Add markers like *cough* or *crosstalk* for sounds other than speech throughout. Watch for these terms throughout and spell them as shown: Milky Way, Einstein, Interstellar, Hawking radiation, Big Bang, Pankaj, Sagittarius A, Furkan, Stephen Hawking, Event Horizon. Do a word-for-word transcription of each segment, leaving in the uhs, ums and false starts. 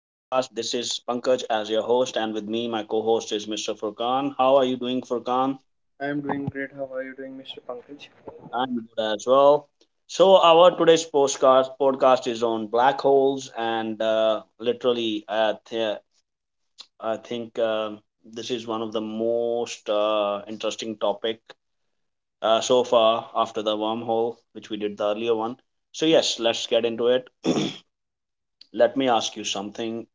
This is Pankaj as your host, and with me, my co-host is mister Furkan. How are you doing, Furkan? I am doing great. How are you doing, Mister Pankaj? I'm good as well. So our today's podcast podcast is on black holes, and uh, literally, uh, th- I think um this is one of the most uh, interesting topic uh, so far after the wormhole, which we did the earlier one. So yes, let's get into it. Let me ask you something.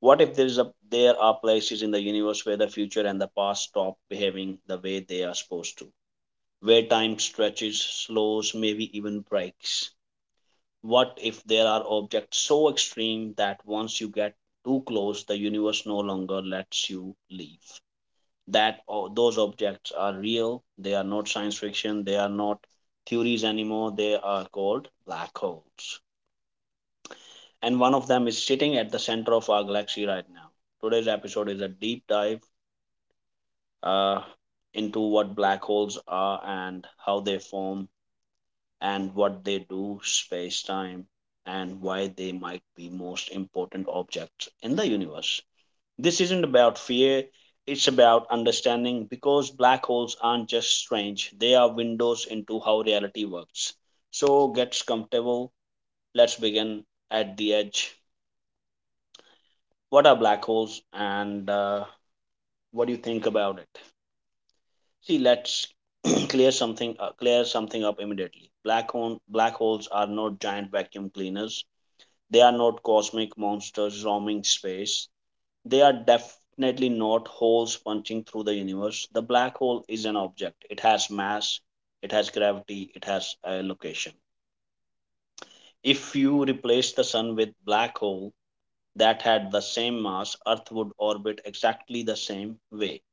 What if there is a there are places in the universe where the future and the past stop behaving the way they are supposed to? Where time stretches, slows, maybe even breaks? What if there are objects so extreme that once you get too close, the universe no longer lets you leave? That o- those objects are real, they are not science fiction, they are not theories anymore, they are called black holes. And one of them is sitting at the center of our galaxy right now. Today's episode is a deep dive uh, into what black holes are and how they form, and what they do, space time, and why they might be most important objects in the universe. This isn't about fear, it's about understanding, because black holes aren't just strange, they are windows into how reality works. So get comfortable, let's begin at the edge. What are black holes, and uh, what do you think about it? See, let's *clears throat* clear something uh, clear something up immediately. Black hole black holes are not giant vacuum cleaners. They are not cosmic monsters roaming space. They are definitely not holes punching through the universe. The black hole is an object. It has mass, it has gravity, it has a location. If you replace the sun with black hole that had the same mass, Earth would orbit exactly the same way.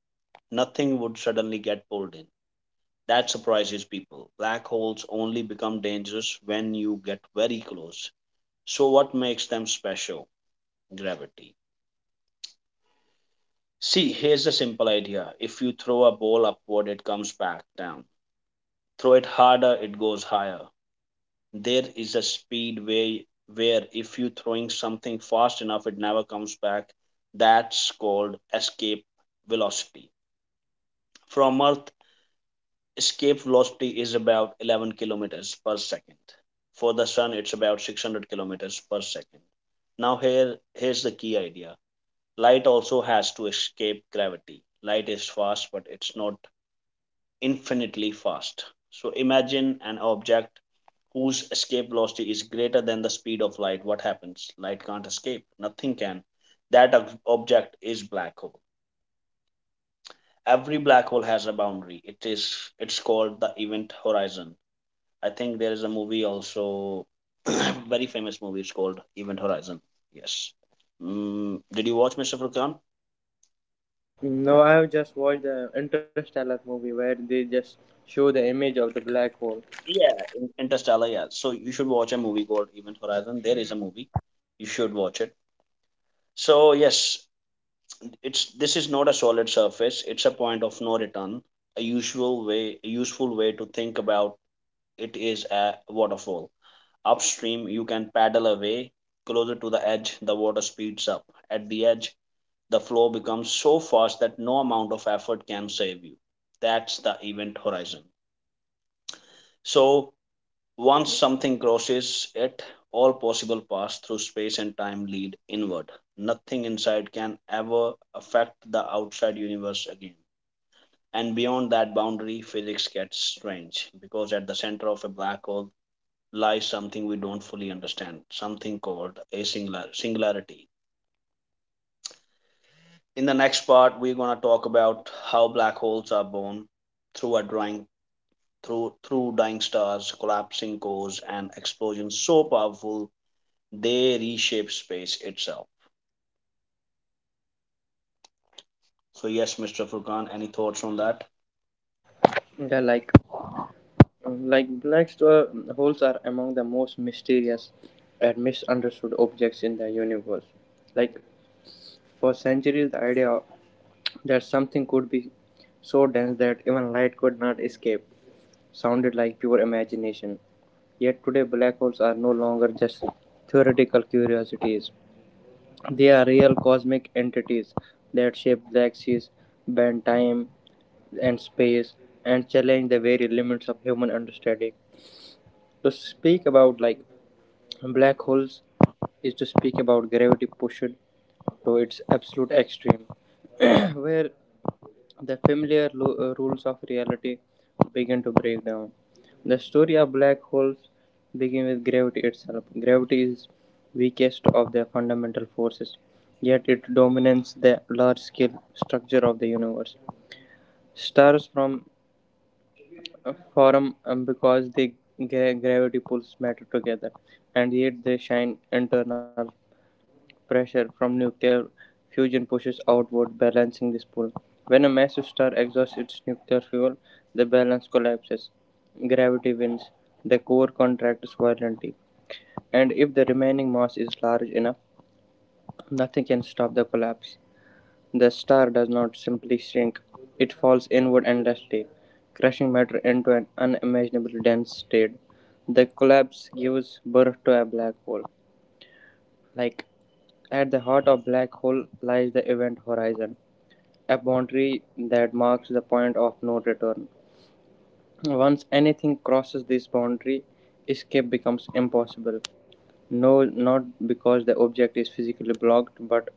Nothing would suddenly get pulled in. That surprises people. Black holes only become dangerous when you get very close. So, what makes them special? Gravity. See, here's a simple idea. If you throw a ball upward, it comes back down. Throw it harder, it goes higher. There is a speed where, where if you're throwing something fast enough, it never comes back. That's called escape velocity. From Earth, escape velocity is about eleven kilometers per second. For the sun, it's about six hundred kilometers per second. Now here here's the key idea. Light also has to escape gravity. Light is fast, but it's not infinitely fast. So imagine an object whose escape velocity is greater than the speed of light. What happens? Light can't escape. Nothing can. That object is black hole. Every black hole has a boundary. It is it's called the event horizon. I think there is a movie also, *clears throat* very famous movie. It's called Event Horizon. Yes. Mm, did you watch, mister Furkan? No, I have just watched the Interstellar movie where they just show the image of the black hole. Yeah, in- Interstellar. Yeah. So you should watch a movie called Event Horizon. There is a movie. You should watch it. So yes, it's this is not a solid surface. It's a point of no return. A usual way, a useful way to think about it is a waterfall. Upstream, you can paddle away. Closer to the edge, the water speeds up. At the edge, the flow becomes so fast that no amount of effort can save you. That's the event horizon. So, once something crosses it, all possible paths through space and time lead inward. Nothing inside can ever affect the outside universe again. And beyond that boundary, physics gets strange, because at the center of a black hole lies something we don't fully understand, something called a singular- singularity. In the next part, we're gonna talk about how black holes are born through a drawing through through dying stars, collapsing cores, and explosions so powerful they reshape space itself. So yes, mister Furkan, any thoughts on that? They're like, uh, like black st- holes are among the most mysterious and misunderstood objects in the universe. Like for centuries, the idea of that something could be so dense that even light could not escape sounded like pure imagination. Yet today, black holes are no longer just theoretical curiosities. They are real cosmic entities that shape galaxies, bend time and space, and challenge the very limits of human understanding. To speak about like black holes is to speak about gravity pushed to its absolute extreme, *clears throat* where the familiar lo- uh, rules of reality begin to break down. The story of black holes begins with gravity itself. Gravity is weakest of the fundamental forces, yet it dominates the large-scale structure of the universe. Stars from uh, Form um, because they gra- gravity pulls matter together, and yet they shine internal pressure from nuclear fusion pushes outward, balancing this pull. When a massive star exhausts its nuclear fuel, the balance collapses. Gravity wins. The core contracts violently, and if the remaining mass is large enough, nothing can stop the collapse. The star does not simply shrink, it falls inward endlessly, crushing matter into an unimaginably dense state. The collapse gives birth to a black hole. like At the heart of black hole lies the event horizon, a boundary that marks the point of no return. Once anything crosses this boundary, escape becomes impossible. No, not because the object is physically blocked, but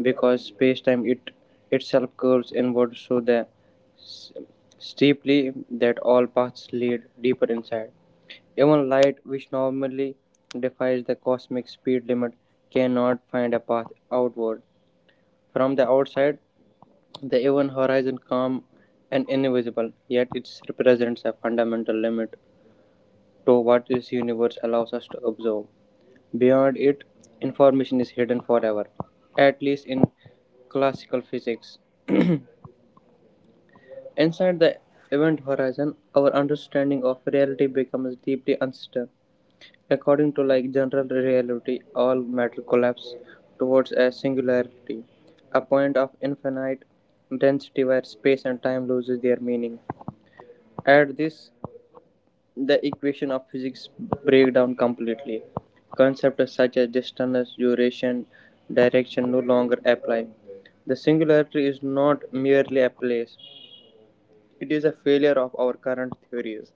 because space-time it itself curves inward so the s- steeply that all paths lead deeper inside. Even light, which normally defies the cosmic speed limit, cannot find a path outward. From the outside, the event horizon calm and invisible, yet it represents a fundamental limit to what this universe allows us to observe. Beyond it, information is hidden forever, at least in classical physics. Inside the event horizon, our understanding of reality becomes deeply uncertain. According to like general reality, all matter collapses towards a singularity, a point of infinite density where space and time loses their meaning. At this, the equation of physics break down completely. Concepts such as distance, duration, direction no longer apply. The singularity is not merely a place; it is a failure of our current theories.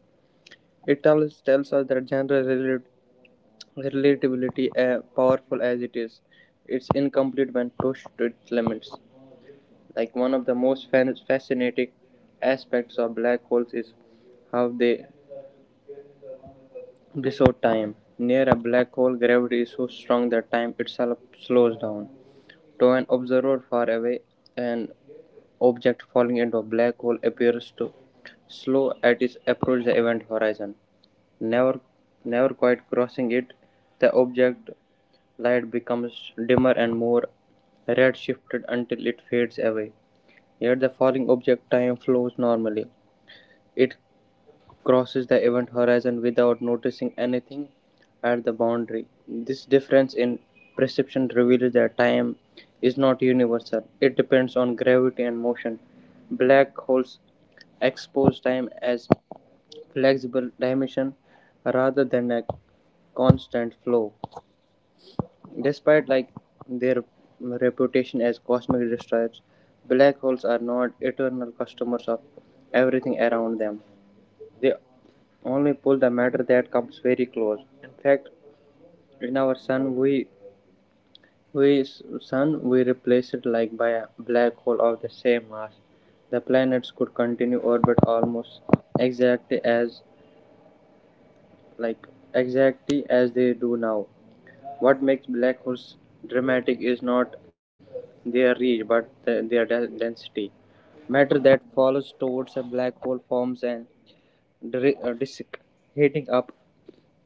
It tells, tells us that general relat- relatability, uh, powerful as it is, it's incomplete when pushed to its limits. Like one of the most fan- fascinating aspects of black holes is how they distort time. Near a black hole, gravity is so strong that time itself slows down. To an observer far away, an object falling into a black hole appears to slow at its approach the event horizon. Never never quite crossing it, the object light becomes dimmer and more red-shifted until it fades away. Yet the falling object time flows normally. It crosses the event horizon without noticing anything at the boundary. This difference in perception reveals that time is not universal. It depends on gravity and motion. Black holes expose time as flexible dimension rather than a constant flow. Despite like their reputation as cosmic destroyers, black holes are not eternal customers of everything around them. They only pull the matter that comes very close. In fact, in our sun, we we sun we replace it like by a black hole of the same mass. The planets could continue orbit almost exactly as like exactly as they do now. What makes black holes dramatic is not their reach but th- their de- density. Matter that falls towards a black hole forms an dri- uh, disk, heating up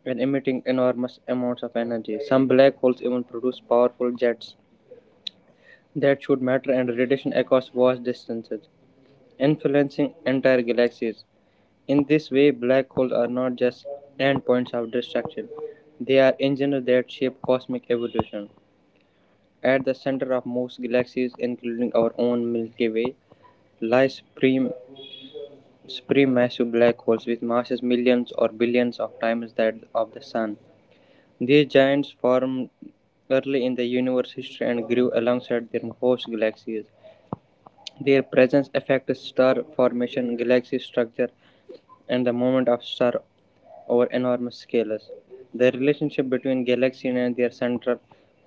and emitting enormous amounts of energy. Some black holes even produce powerful jets that shoot matter and radiation across vast distances, influencing entire galaxies. In this way, black holes are not just endpoints of destruction, they are engines that shape cosmic evolution. At the center of most galaxies, including our own Milky Way, lie supreme, supermassive black holes with masses millions or billions of times that of the Sun. These giants formed early in the universe's history and grew alongside their host galaxies. Their presence affects star formation, galaxy structure, and the movement of stars over enormous scales. The relationship between galaxies and their central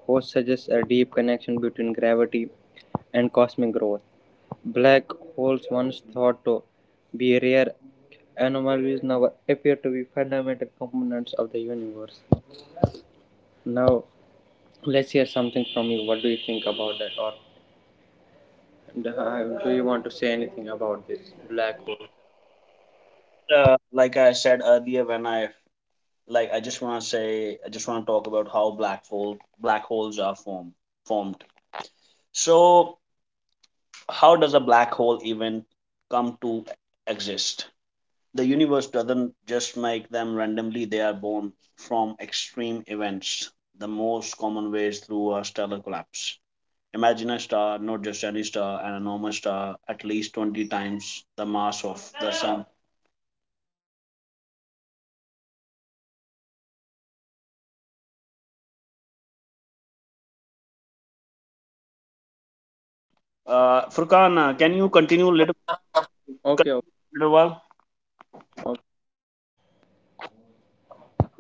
host suggests a deep connection between gravity and cosmic growth. Black holes once thought to be rare anomalies now appear to be fundamental components of the universe. Now, let's hear something from you. What do you think about that? Or uh, do you want to say anything about this black holes? Uh, like I said earlier, when I like I just wanna say I just wanna talk about how black hole black holes are formed formed. So how does a black hole even come to exist? The universe doesn't just make them randomly, they are born from extreme events. The most common way is through a stellar collapse. Imagine a star, not just any star, an enormous star, at least twenty times the mass of the sun. Uh, Furkan, uh, can you continue a little, continue Okay, okay, a little while? okay.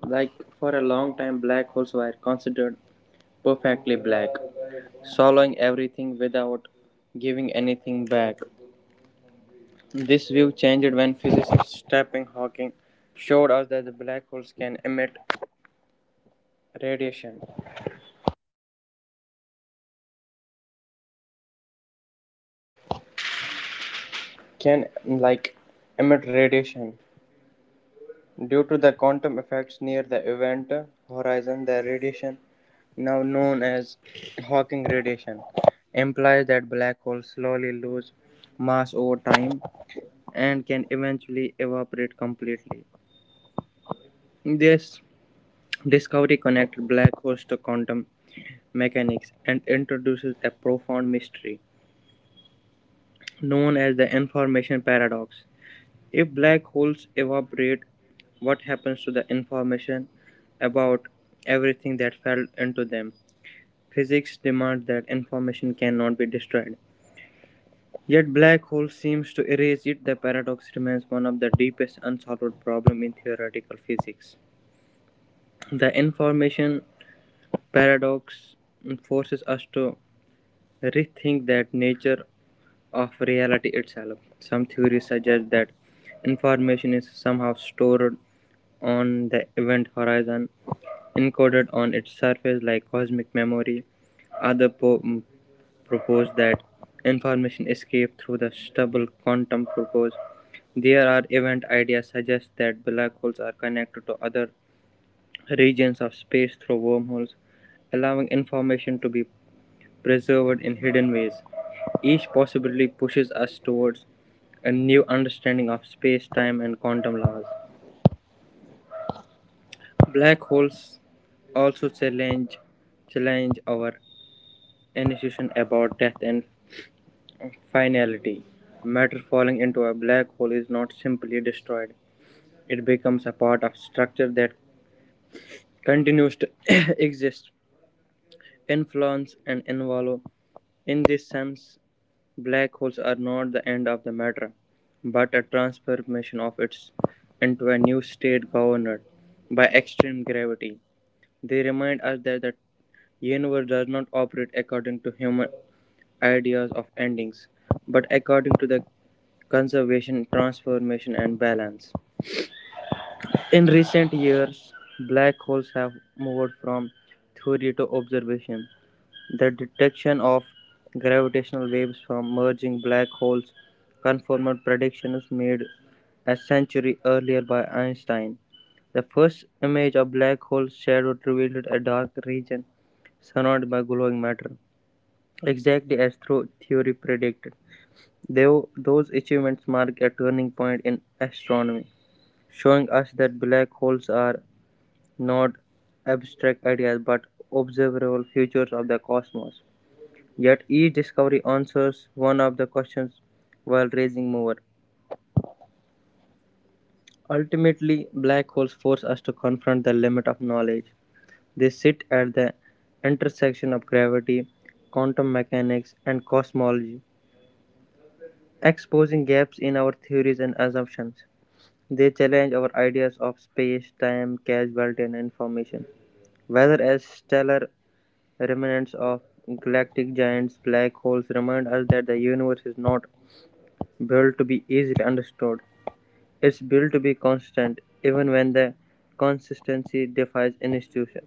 Like for a long time, black holes were considered perfectly black, swallowing everything without giving anything back. This view changed when physicist Stephen Hawking showed us that the black holes can emit radiation can like emit radiation due to the quantum effects near the event horizon. The radiation now known as Hawking radiation implies that black holes slowly lose mass over time and can eventually evaporate completely. This discovery connected black holes to quantum mechanics and introduces a profound mystery known as the information paradox. If black holes evaporate, what happens to the information about everything that fell into them? Physics demands that information cannot be destroyed. Yet black hole seems to erase it. The paradox remains one of the deepest unsolved problems in theoretical physics. The information paradox forces us to rethink that nature of reality itself. Some theories suggest that information is somehow stored on the event horizon, encoded on its surface like cosmic memory. Others po- mm, Propose that information escaped through the stubble quantum propose. There are event ideas suggest that black holes are connected to other regions of space through wormholes, allowing information to be preserved in hidden ways. Each possibility pushes us towards a new understanding of space, time, and quantum laws. Black holes also challenge, challenge our intuition about death and finality. Matter falling into a black hole is not simply destroyed, it becomes a part of structure that continues to *coughs* exist, influence, and evolve. In this sense, black holes are not the end of the matter, but a transformation of it into a new state governed by extreme gravity. They remind us that the universe does not operate according to human ideas of endings, but according to the conservation, transformation, and balance. In recent years, black holes have moved from theory to observation. The detection of gravitational waves from merging black holes confirmed predictions made a century earlier by Einstein. The first image of black hole shadow revealed a dark region surrounded by glowing matter, exactly as theory predicted. Though those achievements mark a turning point in astronomy, showing us that black holes are not abstract ideas but observable features of the cosmos. Yet each discovery answers one of the questions while raising more. Ultimately, black holes force us to confront the limit of knowledge. They sit at the intersection of gravity, quantum mechanics, and cosmology, exposing gaps in our theories and assumptions. They challenge our ideas of space, time, causality, and information. Whether as stellar remnants of galactic giants, black holes remind us that the universe is not built to be easily understood. It's built to be constant, even when the consistency defies institution.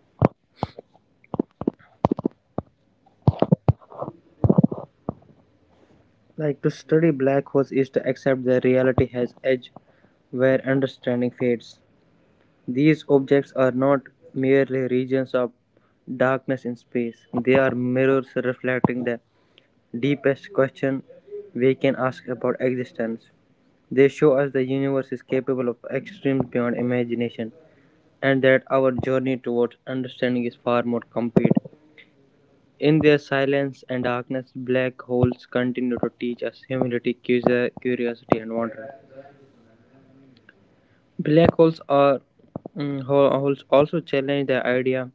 Like to study black holes is to accept that reality has edge where understanding fades. These objects are not merely regions of darkness in space. They are mirrors reflecting the deepest question we can ask about existence. They show us the universe is capable of extremes beyond imagination and that our journey towards understanding is far more complete. In their silence and darkness, black holes continue to teach us humility, curiosity, and wonder. Black holes are mm, ho- Holes also challenge the idea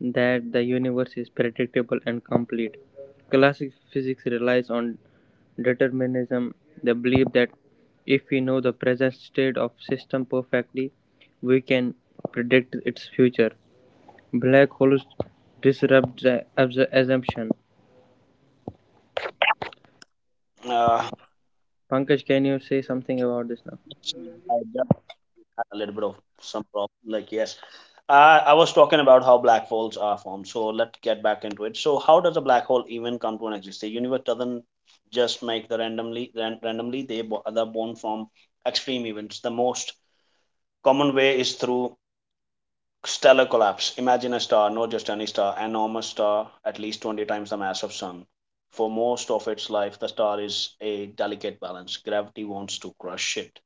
that the universe is predictable and complete. Classic physics relies on determinism, the belief that if we know the present state of system perfectly, we can predict its future. Black holes disrupt the abs- assumption. Uh, Pankaj, can you say something about this now? I a little bit of some problem. Like, yes, I, I was talking about how black holes are formed. So let's get back into it. So how does a black hole even come to an exist? The universe doesn't just make the randomly ran, randomly they bo- they're born from extreme events. The most common way is through stellar collapse. Imagine a star, not just any star, an enormous star, at least twenty times the mass of sun. For most of its life, the star is a delicate balance. Gravity wants to crush it.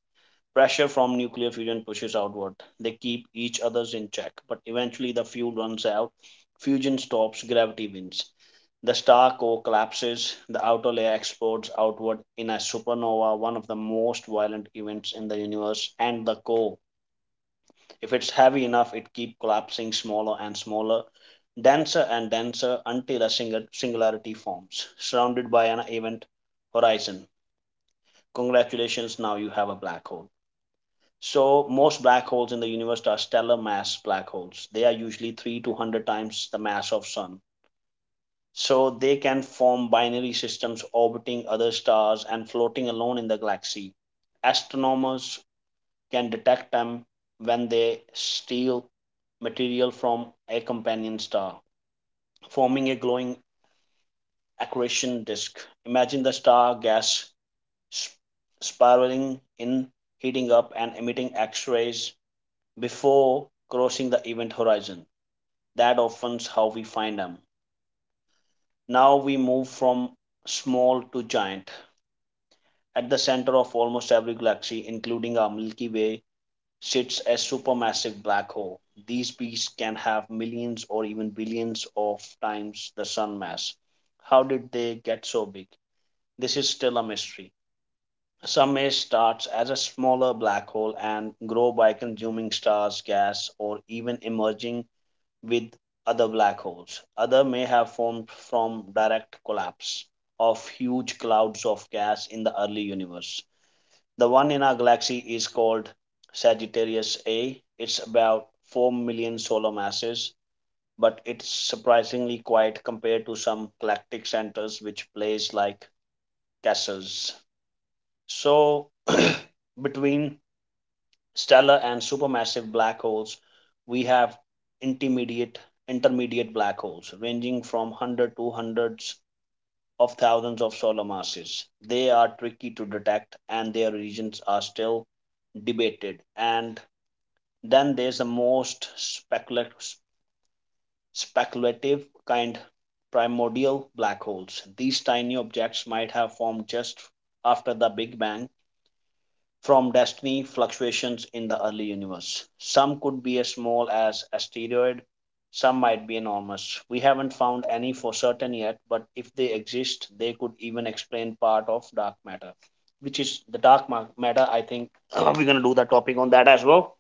Pressure from nuclear fusion pushes outward. They keep each other's in check, but eventually the fuel runs out. Fusion stops, gravity wins. The star core collapses, the outer layer explodes outward in a supernova, one of the most violent events in the universe, and the core, if it's heavy enough, it keeps collapsing smaller and smaller, denser and denser, until a singularity forms, surrounded by an event horizon. Congratulations, now you have a black hole. So most black holes in the universe are stellar mass black holes. They are usually three to one hundred times the mass of sun. So they can form binary systems orbiting other stars and floating alone in the galaxy. Astronomers can detect them when they steal material from a companion star, forming a glowing accretion disk. Imagine the star gas spiraling in, heating up, and emitting X rays before crossing the event horizon. That often's how we find them. Now we move from small to giant. At the center of almost every galaxy, including our Milky Way, sits a supermassive black hole. These beasts can have millions or even billions of times the sun mass. How did they get so big? This is still a mystery. Some may start as a smaller black hole and grow by consuming stars, gas, or even emerging with other black holes. Other may have formed from direct collapse of huge clouds of gas in the early universe. The one in our galaxy is called Sagittarius A. It's about four million solar masses, but it's surprisingly quiet compared to some galactic centers which blaze like castles. So, *clears throat* between stellar and supermassive black holes, we have intermediate intermediate black holes ranging from hundred to hundreds of thousands of solar masses. They are tricky to detect and their regions are still debated. And then there's the most speculative speculative kind, primordial black holes. These tiny objects might have formed just after the Big Bang from destiny fluctuations in the early universe. Some could be as small as asteroid, some might be enormous. We haven't found any for certain yet, but if they exist, they could even explain part of dark matter, which is the dark matter. I think uh, we're going to do the topic on that as well.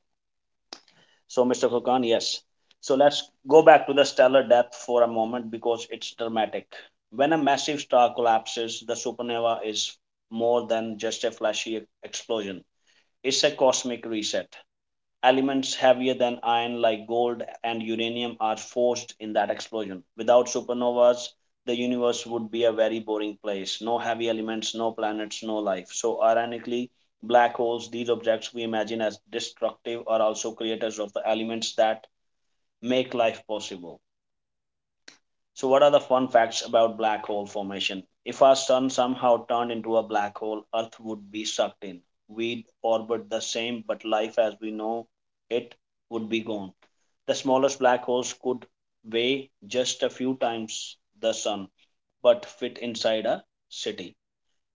So, mister Khan, yes. So, let's go back to the stellar depth for a moment because it's dramatic. When a massive star collapses, the supernova is more than just a flashy explosion, it's a cosmic reset. Elements heavier than iron, like gold and uranium, are forced in that explosion. Without supernovas, the universe would be a very boring place. No heavy elements, no planets, no life. So, ironically, black holes, these objects we imagine as destructive, are also creators of the elements that make life possible. So, what are the fun facts about black hole formation? If our sun somehow turned into a black hole, Earth would be sucked in. We'd orbit the same, but life as we know it would be gone. The smallest black holes could weigh just a few times the sun, but fit inside a city.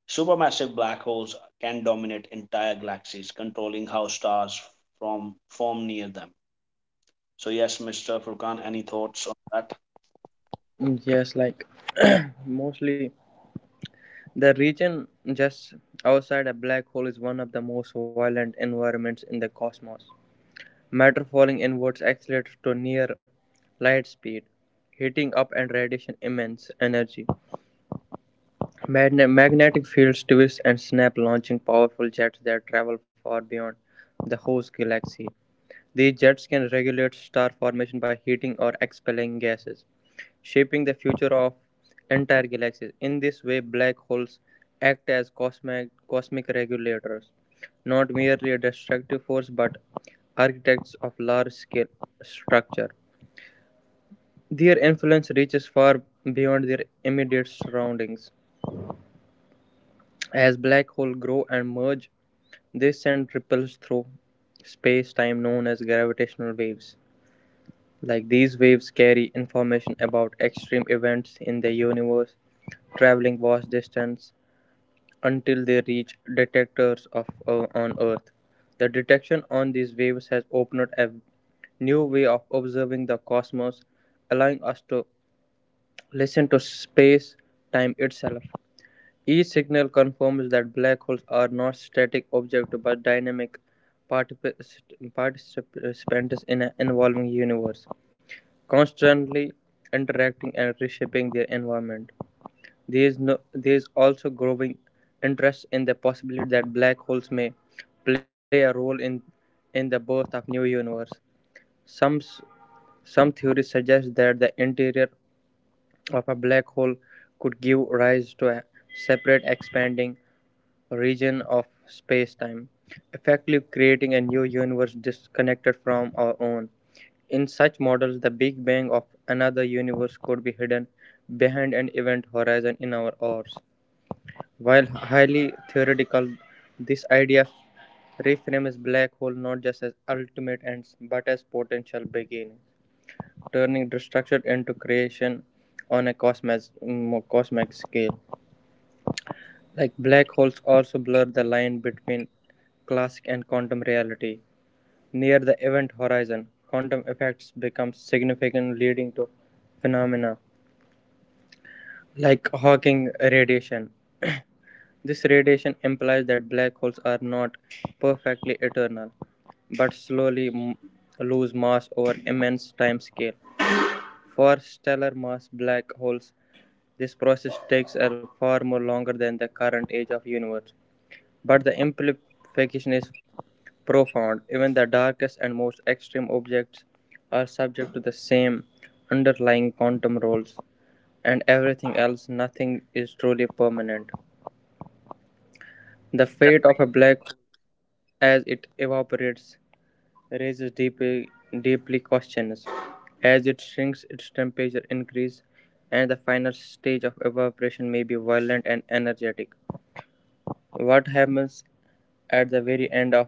Supermassive black holes can dominate entire galaxies, controlling how stars from form near them. So, yes, mister Furkan, any thoughts on that? Yes, like *clears throat* mostly the region just outside a black hole is one of the most violent environments in the cosmos. Matter falling inwards accelerates to near light speed, heating up and radiation immense energy. Magne- magnetic fields twist and snap, launching powerful jets that travel far beyond the host galaxy. These jets can regulate star formation by heating or expelling gases shaping the future of entire galaxies. In this way, black holes act as cosmic, cosmic regulators, not merely a destructive force but architects of large scale structure. Their influence reaches far beyond their immediate surroundings. As black holes grow and merge, they send ripples through space time known as gravitational waves. Like these waves carry information about extreme events in the universe, traveling vast distances until they reach detectors of uh, on Earth. The detection on these waves has opened a new way of observing the cosmos, allowing us to listen to space time itself. Each signal confirms that black holes are not static objects but dynamic particip- participants in an evolving universe, constantly interacting and reshaping their environment. There is no There is also growing interest in the possibility that black holes may play a role in in the birth of new universe. Some s- some theories suggest that the interior of a black hole could give rise to a separate expanding region of space-time, effectively creating a new universe disconnected from our own. In such models, the Big Bang of another universe could be hidden behind an event horizon in our ours. While highly theoretical, this idea reframes black hole not just as ultimate ends but as potential beginnings, turning destruction into creation on a cosmic, mm, cosmic scale. Like black holes also blur the line between classic and quantum reality. Near the event horizon, quantum effects become significant, leading to phenomena like Hawking radiation. This radiation implies that black holes are not perfectly eternal, but slowly m- lose mass over immense timescale. For stellar mass black holes, this process takes a far more longer than the current age of universe. But the implication is profound. Even the darkest and most extreme objects are subject to the same underlying quantum rules, and everything else, nothing is truly permanent. The fate of a black as it evaporates raises deeply, deeply questions. As it shrinks, its temperature increases, and the final stage of evaporation may be violent and energetic. What happens at the very end of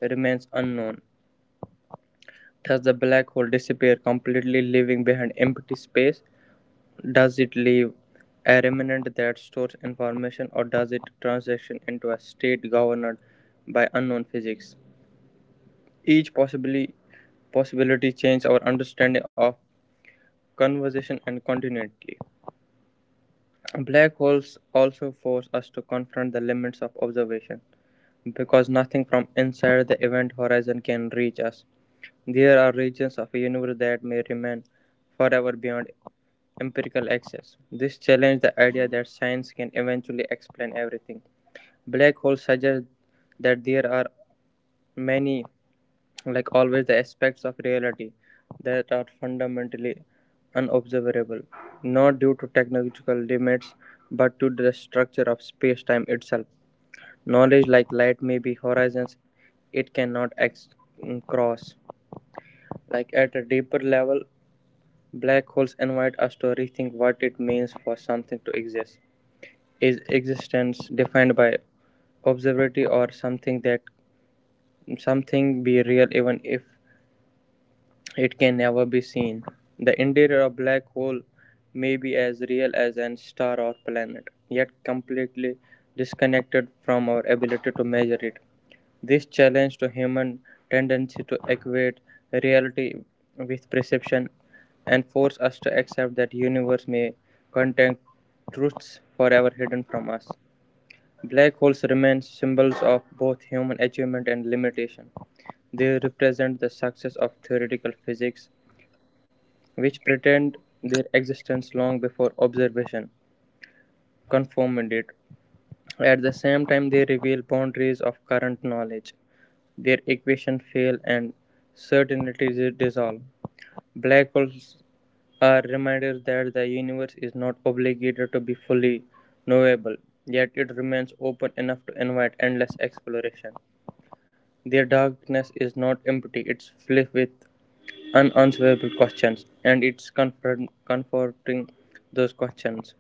remains unknown. Does the black hole disappear completely, leaving behind empty space? Does it leave a remnant that stores information, or does it transition into a state governed by unknown physics? Each possibly possibility change our understanding of conversation and continuity. Black holes also force us to confront the limits of observation because nothing from inside the event horizon can reach us. There are regions of the universe that may remain forever beyond empirical access. This challenges the idea that science can eventually explain everything. Black holes suggest that there are many like always the aspects of reality that are fundamentally unobservable, not due to technological limits but to the structure of space-time itself. Knowledge like light may be horizons it cannot ex- mm, cross. Like at a deeper level, black holes invite us to rethink what it means for something to exist. Is existence defined by observability, or something that something be real even if it can never be seen? The interior of a black hole may be as real as an star or planet, yet completely disconnected from our ability to measure it. This challenge to human tendency to equate reality with perception and force us to accept that universe may contain truths forever hidden from us. Black holes remain symbols of both human achievement and limitation. They represent the success of theoretical physics which pretend their existence long before observation confirmed it. At the same time, they reveal boundaries of current knowledge. Their equations fail and certainties dissolve. Black holes are reminders that the universe is not obligated to be fully knowable, yet it remains open enough to invite endless exploration. Their darkness is not empty, it's filled with unanswerable questions, and it's comfort- comforting those questions.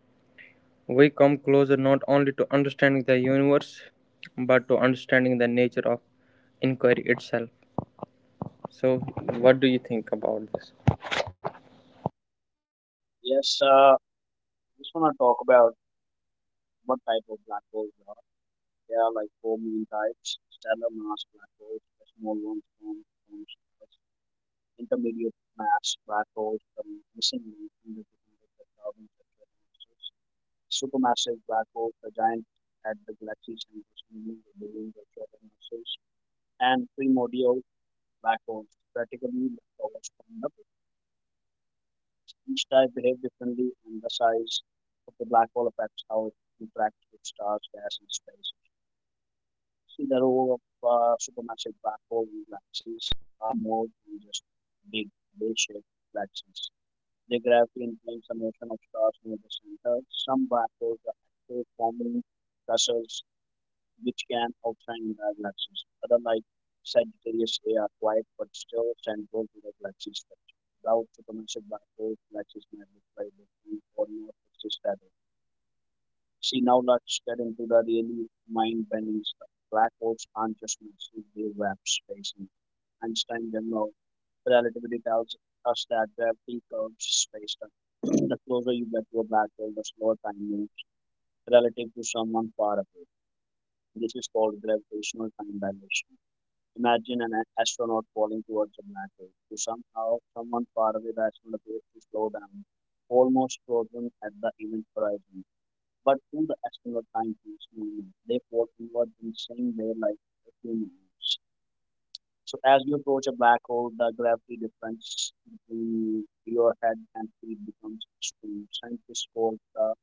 We come closer not only to understanding the universe, but to understanding the nature of inquiry itself. So, what do you think about this? Yes, uh, I just want to talk about what type of black holes there are. There are like four main types, stellar mass black holes, the small ones from, from stars, intermediate mass black holes, the missing link, hundreds of hundreds of thousands of masses, supermassive black holes, the giant at the galaxy centers, millions of billions of solar masses, and primordial black holes, practically the tallest from the. Each type behave differently, and the size of the black hole affects how it interacts with stars, gas, and space. Laro of uh, supermassive black hole galaxies are more than just big, big-shaped galaxies. Their gravity influences the motion of stars near the center. Some black holes are active, forming clusters which can outshine the galaxies. Other, like Sagittarius A, are quiet but still central to the galaxy structure. Without supermassive black holes, galaxies might look like different or not exist at. See, now let's get into the really mind-bending stuff. Black holes aren't just massive, they wrap space. In Einstein general relativity tells us that gravity curves space-time. *clears throat* The closer you get to a black hole, the slower time moves relative to someone far away. This is called gravitational time dilation. Imagine an a- astronaut falling towards a black hole. To somehow, someone far away, the astronaut appears to slow down, almost frozen at the event horizon. But through the external of time keeps moving, therefore you are in the same way like a human is. So as you approach a black hole, the gravity difference between your head and feet becomes extreme. Scientists call the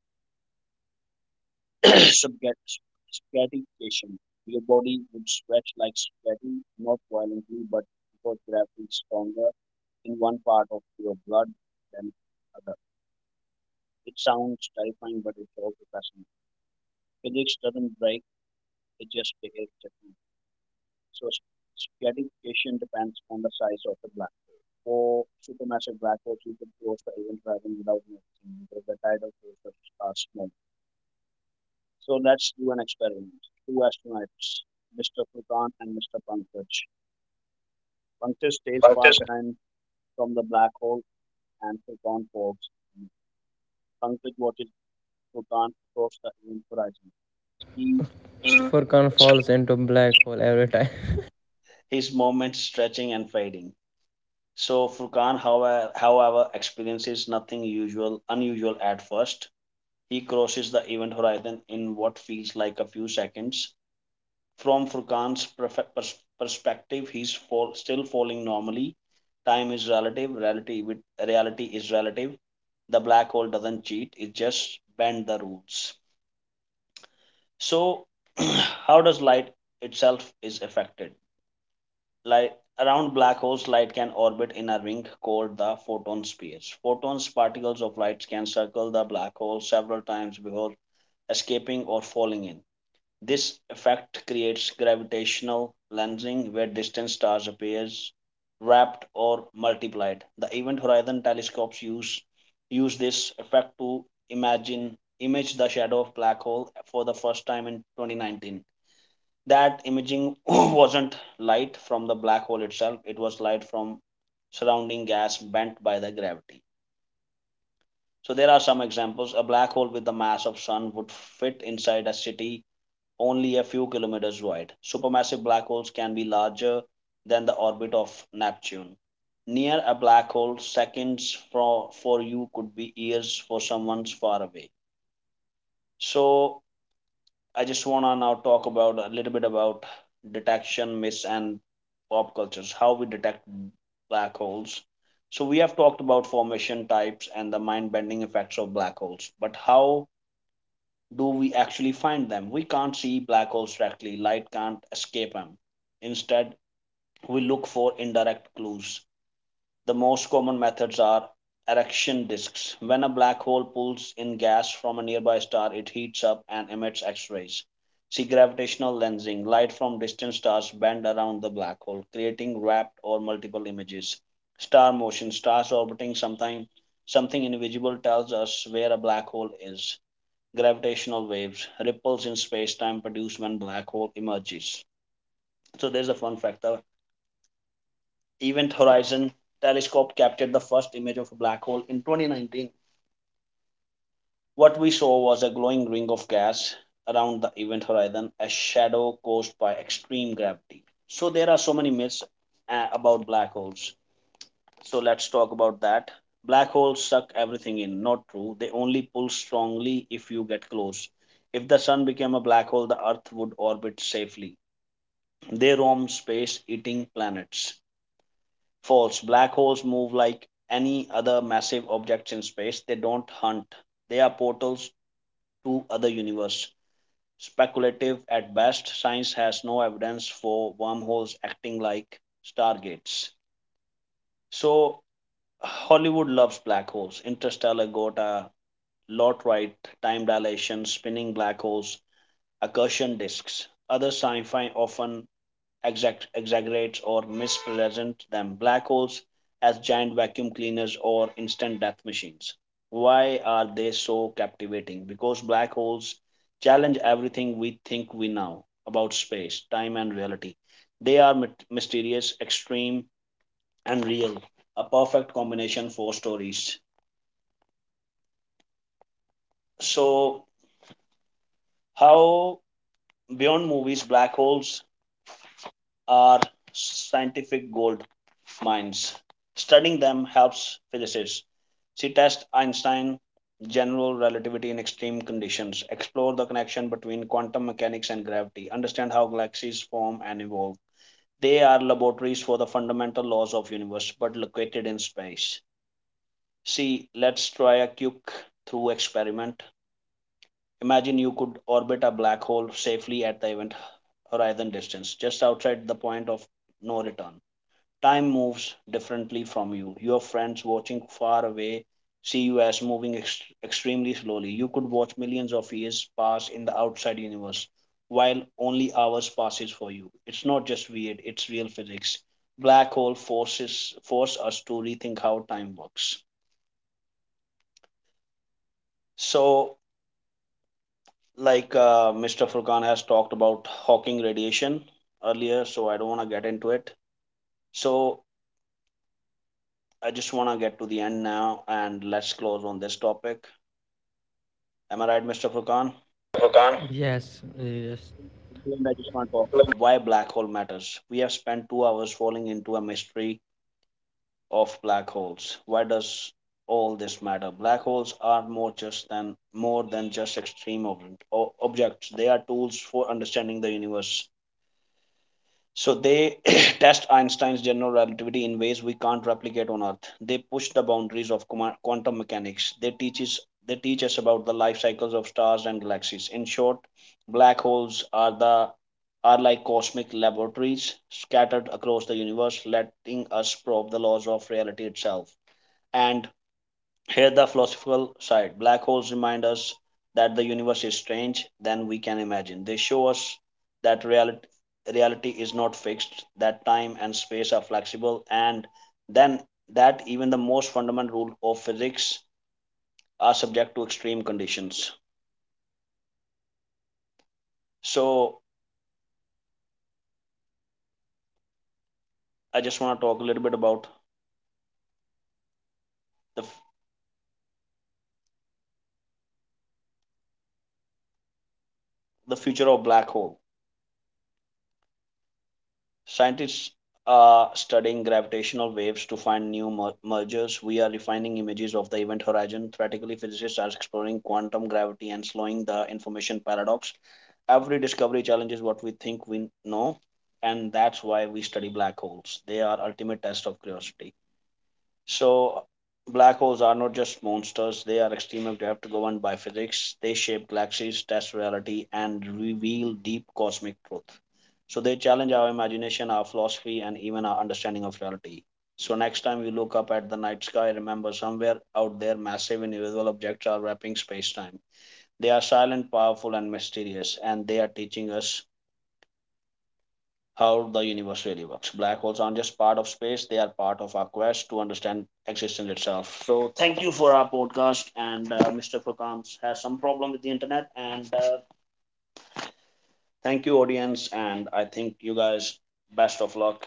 *coughs* *clears throat* subget- spaghettification. Your body would stretch like spaghetti, not violently, but because gravity is stronger in one part of your blood than other. It sounds terrifying, but it's also fascinating. Physics doesn't break; it just behaves differently. So s- Stratification depends on the size of the black hole. For supermassive black holes, you can close the event horizon without noticing because the tidal forces are small. So let's do an experiment. Two astronauts, mister Furkan and mister Pankaj. Pankaj stays far behind from the black hole and Furkan follows. Pankaj watches What is Furkan across the event horizon. He Furkan falls into black hole every time. his movements stretching and fading. So Furkan, howe- however, experiences nothing usual, unusual at first. He crosses the event horizon in what feels like a few seconds. From Furkan's perfe- pers- perspective, he's fall, still falling normally. Time is relative. Reality, with, reality is relative. The black hole doesn't cheat. It just bends the rules. So, *clears throat* how does light itself is affected? Light around black holes, light can orbit in a ring called the photon sphere. Photons, particles of light, can circle the black hole several times before escaping or falling in. This effect creates gravitational lensing, where distant stars appears wrapped or multiplied. The Event Horizon telescopes use use this effect to imagine image the shadow of black hole for the first time in twenty nineteen. That imaging *clears throat* wasn't light from the black hole itself, it was light from surrounding gas bent by the gravity. So there are some examples. A black hole with the mass of sun would fit inside a city, only a few kilometers wide. Supermassive black holes can be larger than the orbit of Neptune. Near a black hole, seconds for for you could be years for someone far away. So I just wanna now talk about a little bit about detection myths and pop cultures, how we detect black holes. So we have talked about formation types and the mind-bending effects of black holes, but how do we actually find them? We can't see black holes directly; light can't escape them. Instead, we look for indirect clues. The most common methods are accretion disks. When a black hole pulls in gas from a nearby star, it heats up and emits X rays. See gravitational lensing. Light from distant stars bend around the black hole, creating wrapped or multiple images. Star motion. Stars orbiting sometime, something invisible tells us where a black hole is. Gravitational waves. Ripples in space time produced when black hole emerges. So there's a fun fact. Event Horizon telescope captured the first image of a black hole in twenty nineteen. What we saw was a glowing ring of gas around the event horizon, a shadow caused by extreme gravity. So, there are so many myths uh, about black holes. So, let's talk about that. Black holes suck everything in. Not true. They only pull strongly if you get close. If the sun became a black hole, the earth would orbit safely. They roam space eating planets. False. Black holes move like any other massive objects in space. They don't hunt. They are portals to other universes. Speculative at best. Science has no evidence for wormholes acting like stargates. So Hollywood loves black holes. Interstellar got a lot right. Time dilation, spinning black holes, accretion disks. Other sci-fi often exact, exaggerates or mispresents them. Black holes as giant vacuum cleaners or instant death machines. Why are they so captivating? Because black holes challenge everything we think we know about space, time, and reality. They are mysterious, extreme, and real. A perfect combination for stories. So, how beyond movies, black holes are scientific gold minds. Studying them helps physicists. She tests Einstein general relativity in extreme conditions, explore the connection between quantum mechanics and gravity, understand how galaxies form and evolve. They are laboratories for the fundamental laws of the universe but located in space. See, let's try a quick through experiment. Imagine you could orbit a black hole safely at the event horizon distance, just outside the point of no return. Time moves differently from you. Your friends watching far away see you as moving ex- extremely slowly. You could watch millions of years pass in the outside universe while only hours passes for you. It's not just weird, it's real physics. Black hole forces Force us to rethink how time works. So like uh, mister Furkan has talked about Hawking radiation earlier, so I don't want to get into it. So I just want to get to the end now and let's close on this topic. Am I right, mister Furkan? *laughs* Yes, yes, And I just want to talk about why black hole matters. We have spent two hours falling into a mystery of black holes. Why does all this matter? Black holes are more just than more than just extreme ob- o- objects. They are tools for understanding the universe. So they *clears throat* test Einstein's general relativity in ways we can't replicate on Earth. They push the boundaries of quantum mechanics. They teach us, they teach us about the life cycles of stars and galaxies. In short, black holes are the are like cosmic laboratories scattered across the universe, letting us probe the laws of reality itself. And here, the philosophical side black holes remind us that the universe is strange than we can imagine. They show us that reality, reality is not fixed, that time and space are flexible, and then that even the most fundamental rule of physics are subject to extreme conditions. So, I just want to talk a little bit about the, the future of black hole. Scientists are studying gravitational waves to find new mer- mergers. We are refining images of the event horizon. Theoretically, physicists are exploring quantum gravity and slowing the information paradox. Every discovery challenges what we think we know, and that's why we study black holes. They are ultimate test of curiosity. So black holes are not just monsters, they are extreme objects governed by physics. They shape galaxies, test reality, and reveal deep cosmic truth. So they challenge our imagination, our philosophy, and even our understanding of reality. So next time we look up at the night sky, remember somewhere out there massive invisible objects are wrapping space-time. They are silent, powerful, and mysterious, and they are teaching us how the universe really works. Black holes aren't just part of space, they are part of our quest to understand existence itself. So, thank you for our podcast. And uh, mister Furkan has some problem with the internet. And uh, thank you, audience. And I think you guys, best of luck.